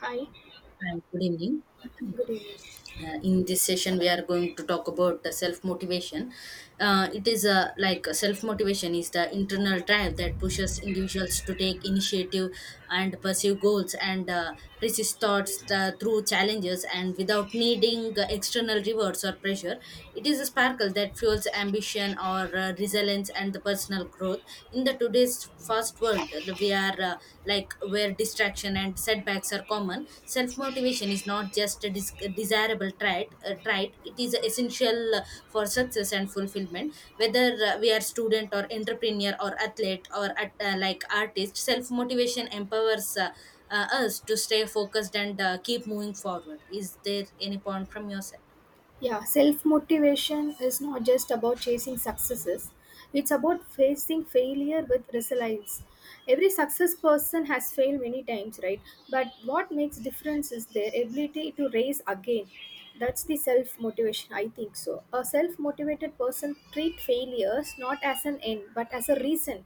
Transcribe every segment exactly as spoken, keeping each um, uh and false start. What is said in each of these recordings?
Hi, Hi, good evening. good evening. Uh, in this session, we are going to talk about the self motivation. Uh, it is a, like, self motivation is the internal drive that pushes individuals to take initiative and pursue goals, and uh, persist thoughts uh, through challenges and without needing uh, external rewards or pressure. It is a sparkle that fuels ambition or uh, resilience and the personal growth. In the today's fast fast world, uh, we are, uh, like, where distraction and setbacks are common. Self motivation is not just a dis- desirable trait uh, trait it is essential, uh, for success and fulfillment, whether uh, we are student or entrepreneur or athlete or at, uh, like artist. Self motivation empowers uh, uh, us to stay focused and uh, keep moving forward. Is there any point from your side? Yeah, self motivation is not just about chasing successes, it's about facing failure with resilience. Every success person has failed many times, right? But what makes difference is their ability to raise again. That's the self motivation, I think so. A self motivated person treat failures not as an end but as a reason.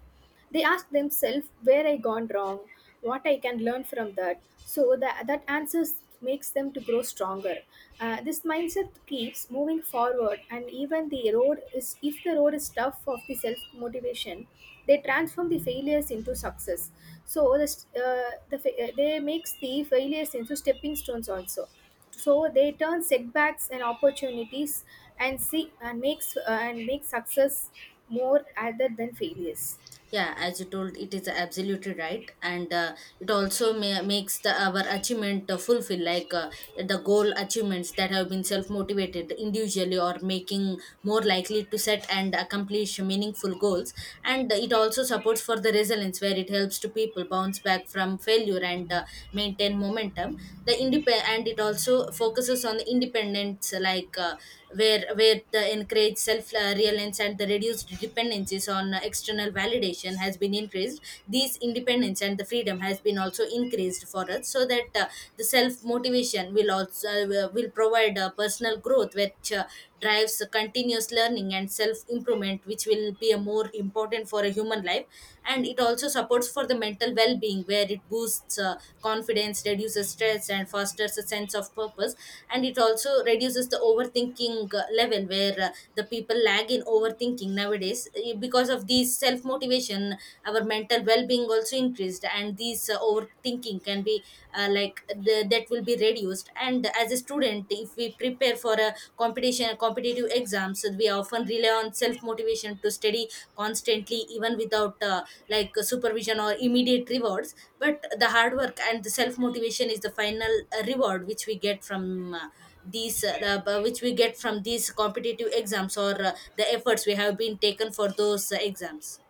They ask themselves where I gone wrong, what I can learn from that. So that, that answers makes them to grow stronger. Uh, this mindset keeps moving forward and even the road is if the road is tough of the self motivation, they transform the failures into success. So the, st- uh, the fa- uh, they makes the failures into stepping stones also, so they turn setbacks and opportunities and see and makes uh, and make success more rather than failures. Yeah, as you told, it is absolutely right, and uh, it also may makes the our achievement uh, fulfill, like, uh, the goal achievements that have been self motivated individually or making more likely to set and accomplish meaningful goals, and it also supports for the resilience where it helps to people bounce back from failure and uh, maintain momentum. The independent, and it also focuses on the independence, like, uh, where where the encourage self uh, reliance and the reduced dependencies on uh, external validation has been increased. These independence and the freedom has been also increased for us, so that uh, the self motivation will also, uh, will provide uh, personal growth, which uh, drives continuous learning and self improvement, which will be a more important for a human life. And it also supports for the mental well-being, where it boosts uh, confidence, reduces stress, and fosters a sense of purpose. And it also reduces the overthinking uh, level, where uh, the people lag in overthinking nowadays. Eh, because of these self-motivation, our mental well-being also increased, and these uh, overthinking can be, uh, like, the, that will be reduced. And as a student, if we prepare for a competition, a competitive exams, so we often rely on self-motivation to study constantly, even without uh, like supervision or immediate rewards. But the hard work and the self-motivation is the final uh, reward which we get from, uh, these, uh, uh, which we get from these competitive exams, or uh, the efforts we have been taken for those uh, exams.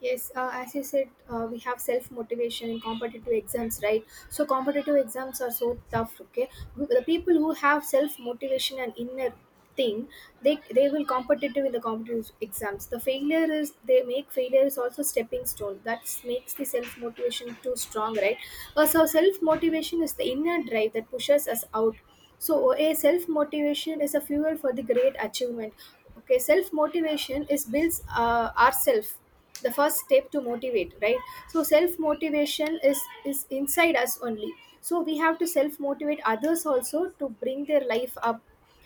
Yes, uh, as you said, uh, we have self motivation in competitive exams, right? So competitive exams are so tough. Okay, the people who have self motivation and inner thing, they they will competitive in the competitive exams. The failure is they make failure is also stepping stone. That makes the self motivation too strong, right? Uh, so self motivation is the inner drive that pushes us out. So a self motivation is a fuel for the great achievement. Okay, self motivation is builds uh, ourself, the first step to motivate, right? So self motivation is is inside us only, so we have to self motivate others also to bring their life up,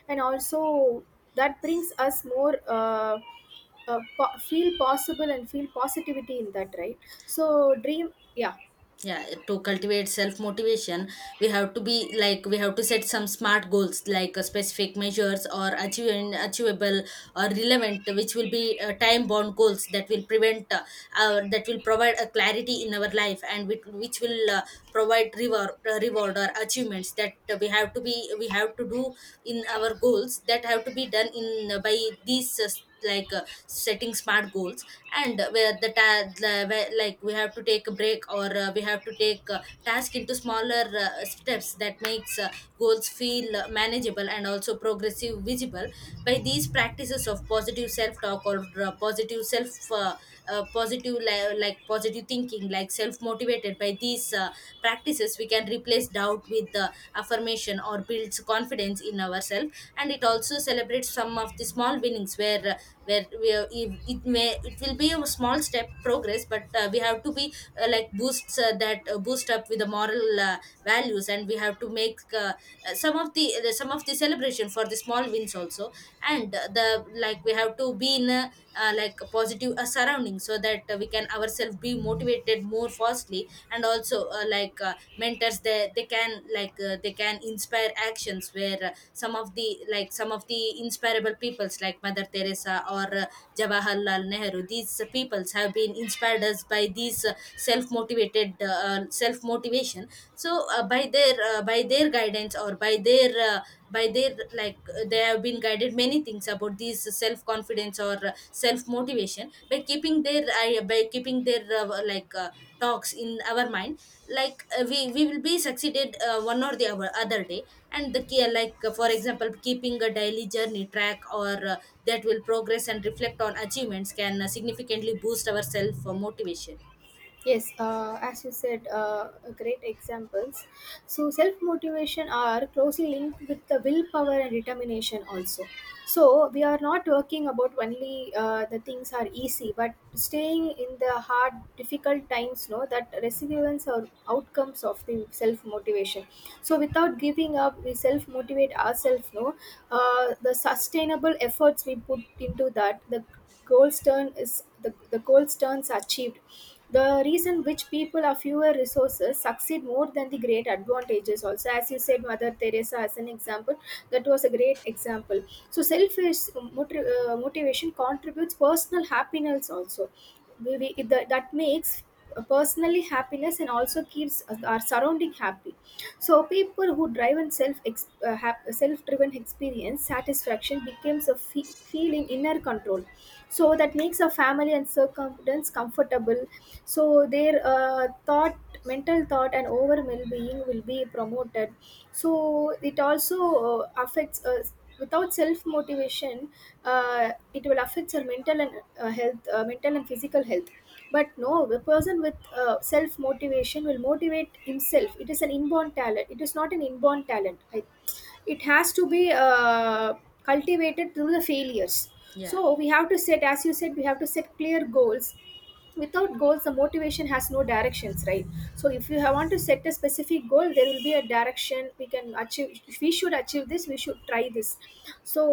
and also that brings us more uh, uh, po- feel possible and feel positivity in that, right? So dream. Yeah. Yeah. To cultivate self motivation, we have to be, like, we have to set some smart goals, like uh, specific measures or achieving achievable or relevant, which will be uh, time bound goals that will prevent, uh, our, that will provide a clarity in our life, and which, which will uh, provide reward, uh, reward or achievements that uh, we have to be, we have to do in our goals that have to be done in, uh, by these, uh, like, uh, setting smart goals. And where the, ta- the where, like, we have to take a break, or uh, we have to take uh, task into smaller uh, steps that makes uh, goals feel uh, manageable and also progressive visible. By these practices of positive self talk, or uh, positive self, uh, uh, positive li- like positive thinking, like self motivated, by these uh, practices we can replace doubt with uh, affirmation, or builds confidence in ourselves. And it also celebrates some of the small winnings, where uh, where we are, if it may, it will be a small step progress, but uh, we have to be, uh, like, boosts, uh, that, uh, boost up with the moral uh, values. And we have to make uh, uh, some of the, uh, some of the celebration for the small wins also. And uh, the, like, we have to be in a, uh, like, a positive, uh, surrounding, so that uh, we can ourselves be motivated more fastly. And also uh, like, uh, mentors, they they can, like, uh, they can inspire actions, where some of the, like, some of the inspirable peoples, like Mother Teresa, or uh, Jawaharlal Nehru, these, uh, peoples have been inspired us by these uh, self-motivated, uh, uh, self-motivation. So uh, by their, uh, by their guidance, or by their, uh, by their, like, uh, they have been guided many things about these self-confidence or uh, self-motivation, by keeping their I, by keeping their, uh, like, uh, talks in our mind, like uh, we we will be succeeded uh, one or the other other day. And the key, like uh, for Yes. example, keeping a daily journey track, or uh, that will progress and reflect on achievements can uh, significantly boost our self uh, motivation. Yes, uh, as you said, uh, great examples. So, self motivation are closely linked with the willpower and determination also. So, we are not talking about only uh, the things are easy, but staying in the hard, difficult times, no, that resilience or outcomes of the self motivation. So, without giving up, we self motivate ourselves, no, uh, the sustainable efforts we put into that, the gold stern is the, the gold sterns achieved, the reason which people of fewer resources succeed more than the great advantages, also as you said mother teresa as an example. That was a great example. So selfish moti- uh, motivation contributes personal happiness also. We, we, that, that makes uh, personally happiness and also keeps our surrounding happy. So people who drive and self ex- uh, hap- self-driven experience satisfaction becomes a fe- feeling inner control, so that makes a family and circumstance comfortable. So their uh, thought mental thought and overall well-being will be promoted. So it also uh, affects us. Without self motivation, uh, it will affect your mental and uh, health uh, mental and physical health. But no, the person with uh, self motivation will motivate himself. It is an inborn talent. It is not an inborn talent, I, it has to be uh, cultivated through the failures. Yeah. So we have to set, as you said, we have to set clear goals. Without goals the motivation has no directions, right? So if you have want to set a specific goal there will be a direction we can achieve. If we should achieve this we should try this. So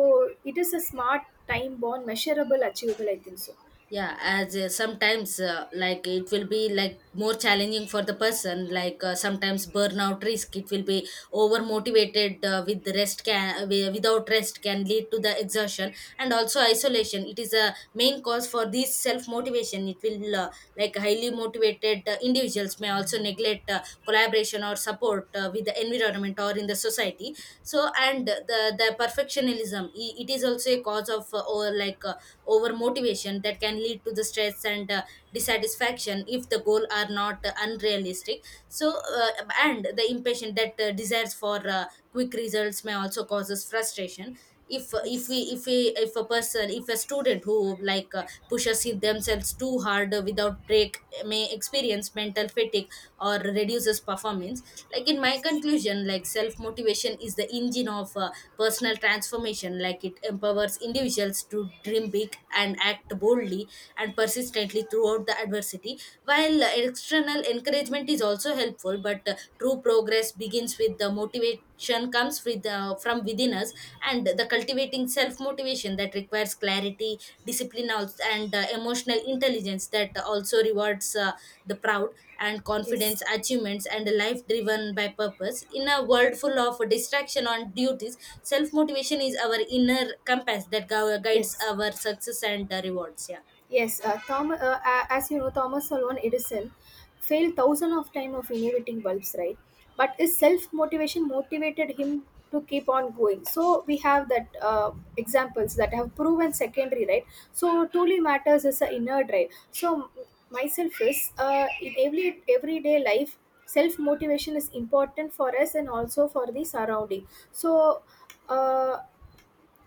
it is a smart time bound measurable achievable, I think so. Yeah, as uh, sometimes uh, like, it will be like more challenging for the person, like uh, sometimes burnout risk, it will be over motivated uh, with the rest can, wi- without rest can lead to the exhaustion and also isolation. It is a main cause for this self motivation. It will, uh, like, highly motivated uh, individuals may also neglect uh, collaboration or support uh, with the environment or in the society. So, and the the perfectionism, i- it is also a cause of, uh, or like, uh, over motivation that can lead to the stress and uh, dissatisfaction if the goal are not uh, unrealistic. So uh, and the impatient that uh, desires for uh, quick results may also causes frustration. if if we Yes. if we if a person if a student who, like uh, pushes it themselves too hard uh, without break, may experience mental fatigue or reduces performance. Like, in my conclusion, like, self motivation is the engine of uh, personal transformation. Like, it empowers individuals to dream big and act boldly and persistently throughout the adversity. While uh, external encouragement is also helpful, but uh, true progress begins with the motivation, comes with uh, from within us. And the cultivating self motivation that requires clarity, discipline, als- and uh, emotional intelligence, that also rewards uh, the proud and confidence, Yes. achievements, and a life driven by purpose. In a world full of distraction on duties, self motivation is our inner compass that gu- guides Yes, our success and uh, rewards. Yeah, Yes, uh, Thom- uh, a- as you know, Thomas Alva Edison failed thousands of times of innovating bulbs, right? But his self-motivation motivated him to keep on going. So we have that uh, examples that have proven secondary, right? So truly matters is the inner drive. So m- myself is uh, in every everyday life, self-motivation is important for us and also for the surrounding. So uh,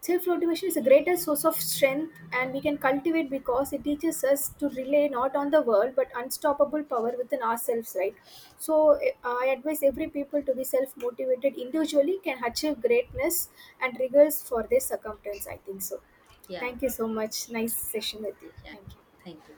Self motivation is the greatest source of strength, and we can cultivate because it teaches us to rely not on the world but unstoppable power within ourselves, right? So, eh, I advise every people to be self motivated individually, can achieve greatness and rigors for their circumstance. I think so. yeah, Thank you so much. Nice session with you. yeah. Thank you. Thank you.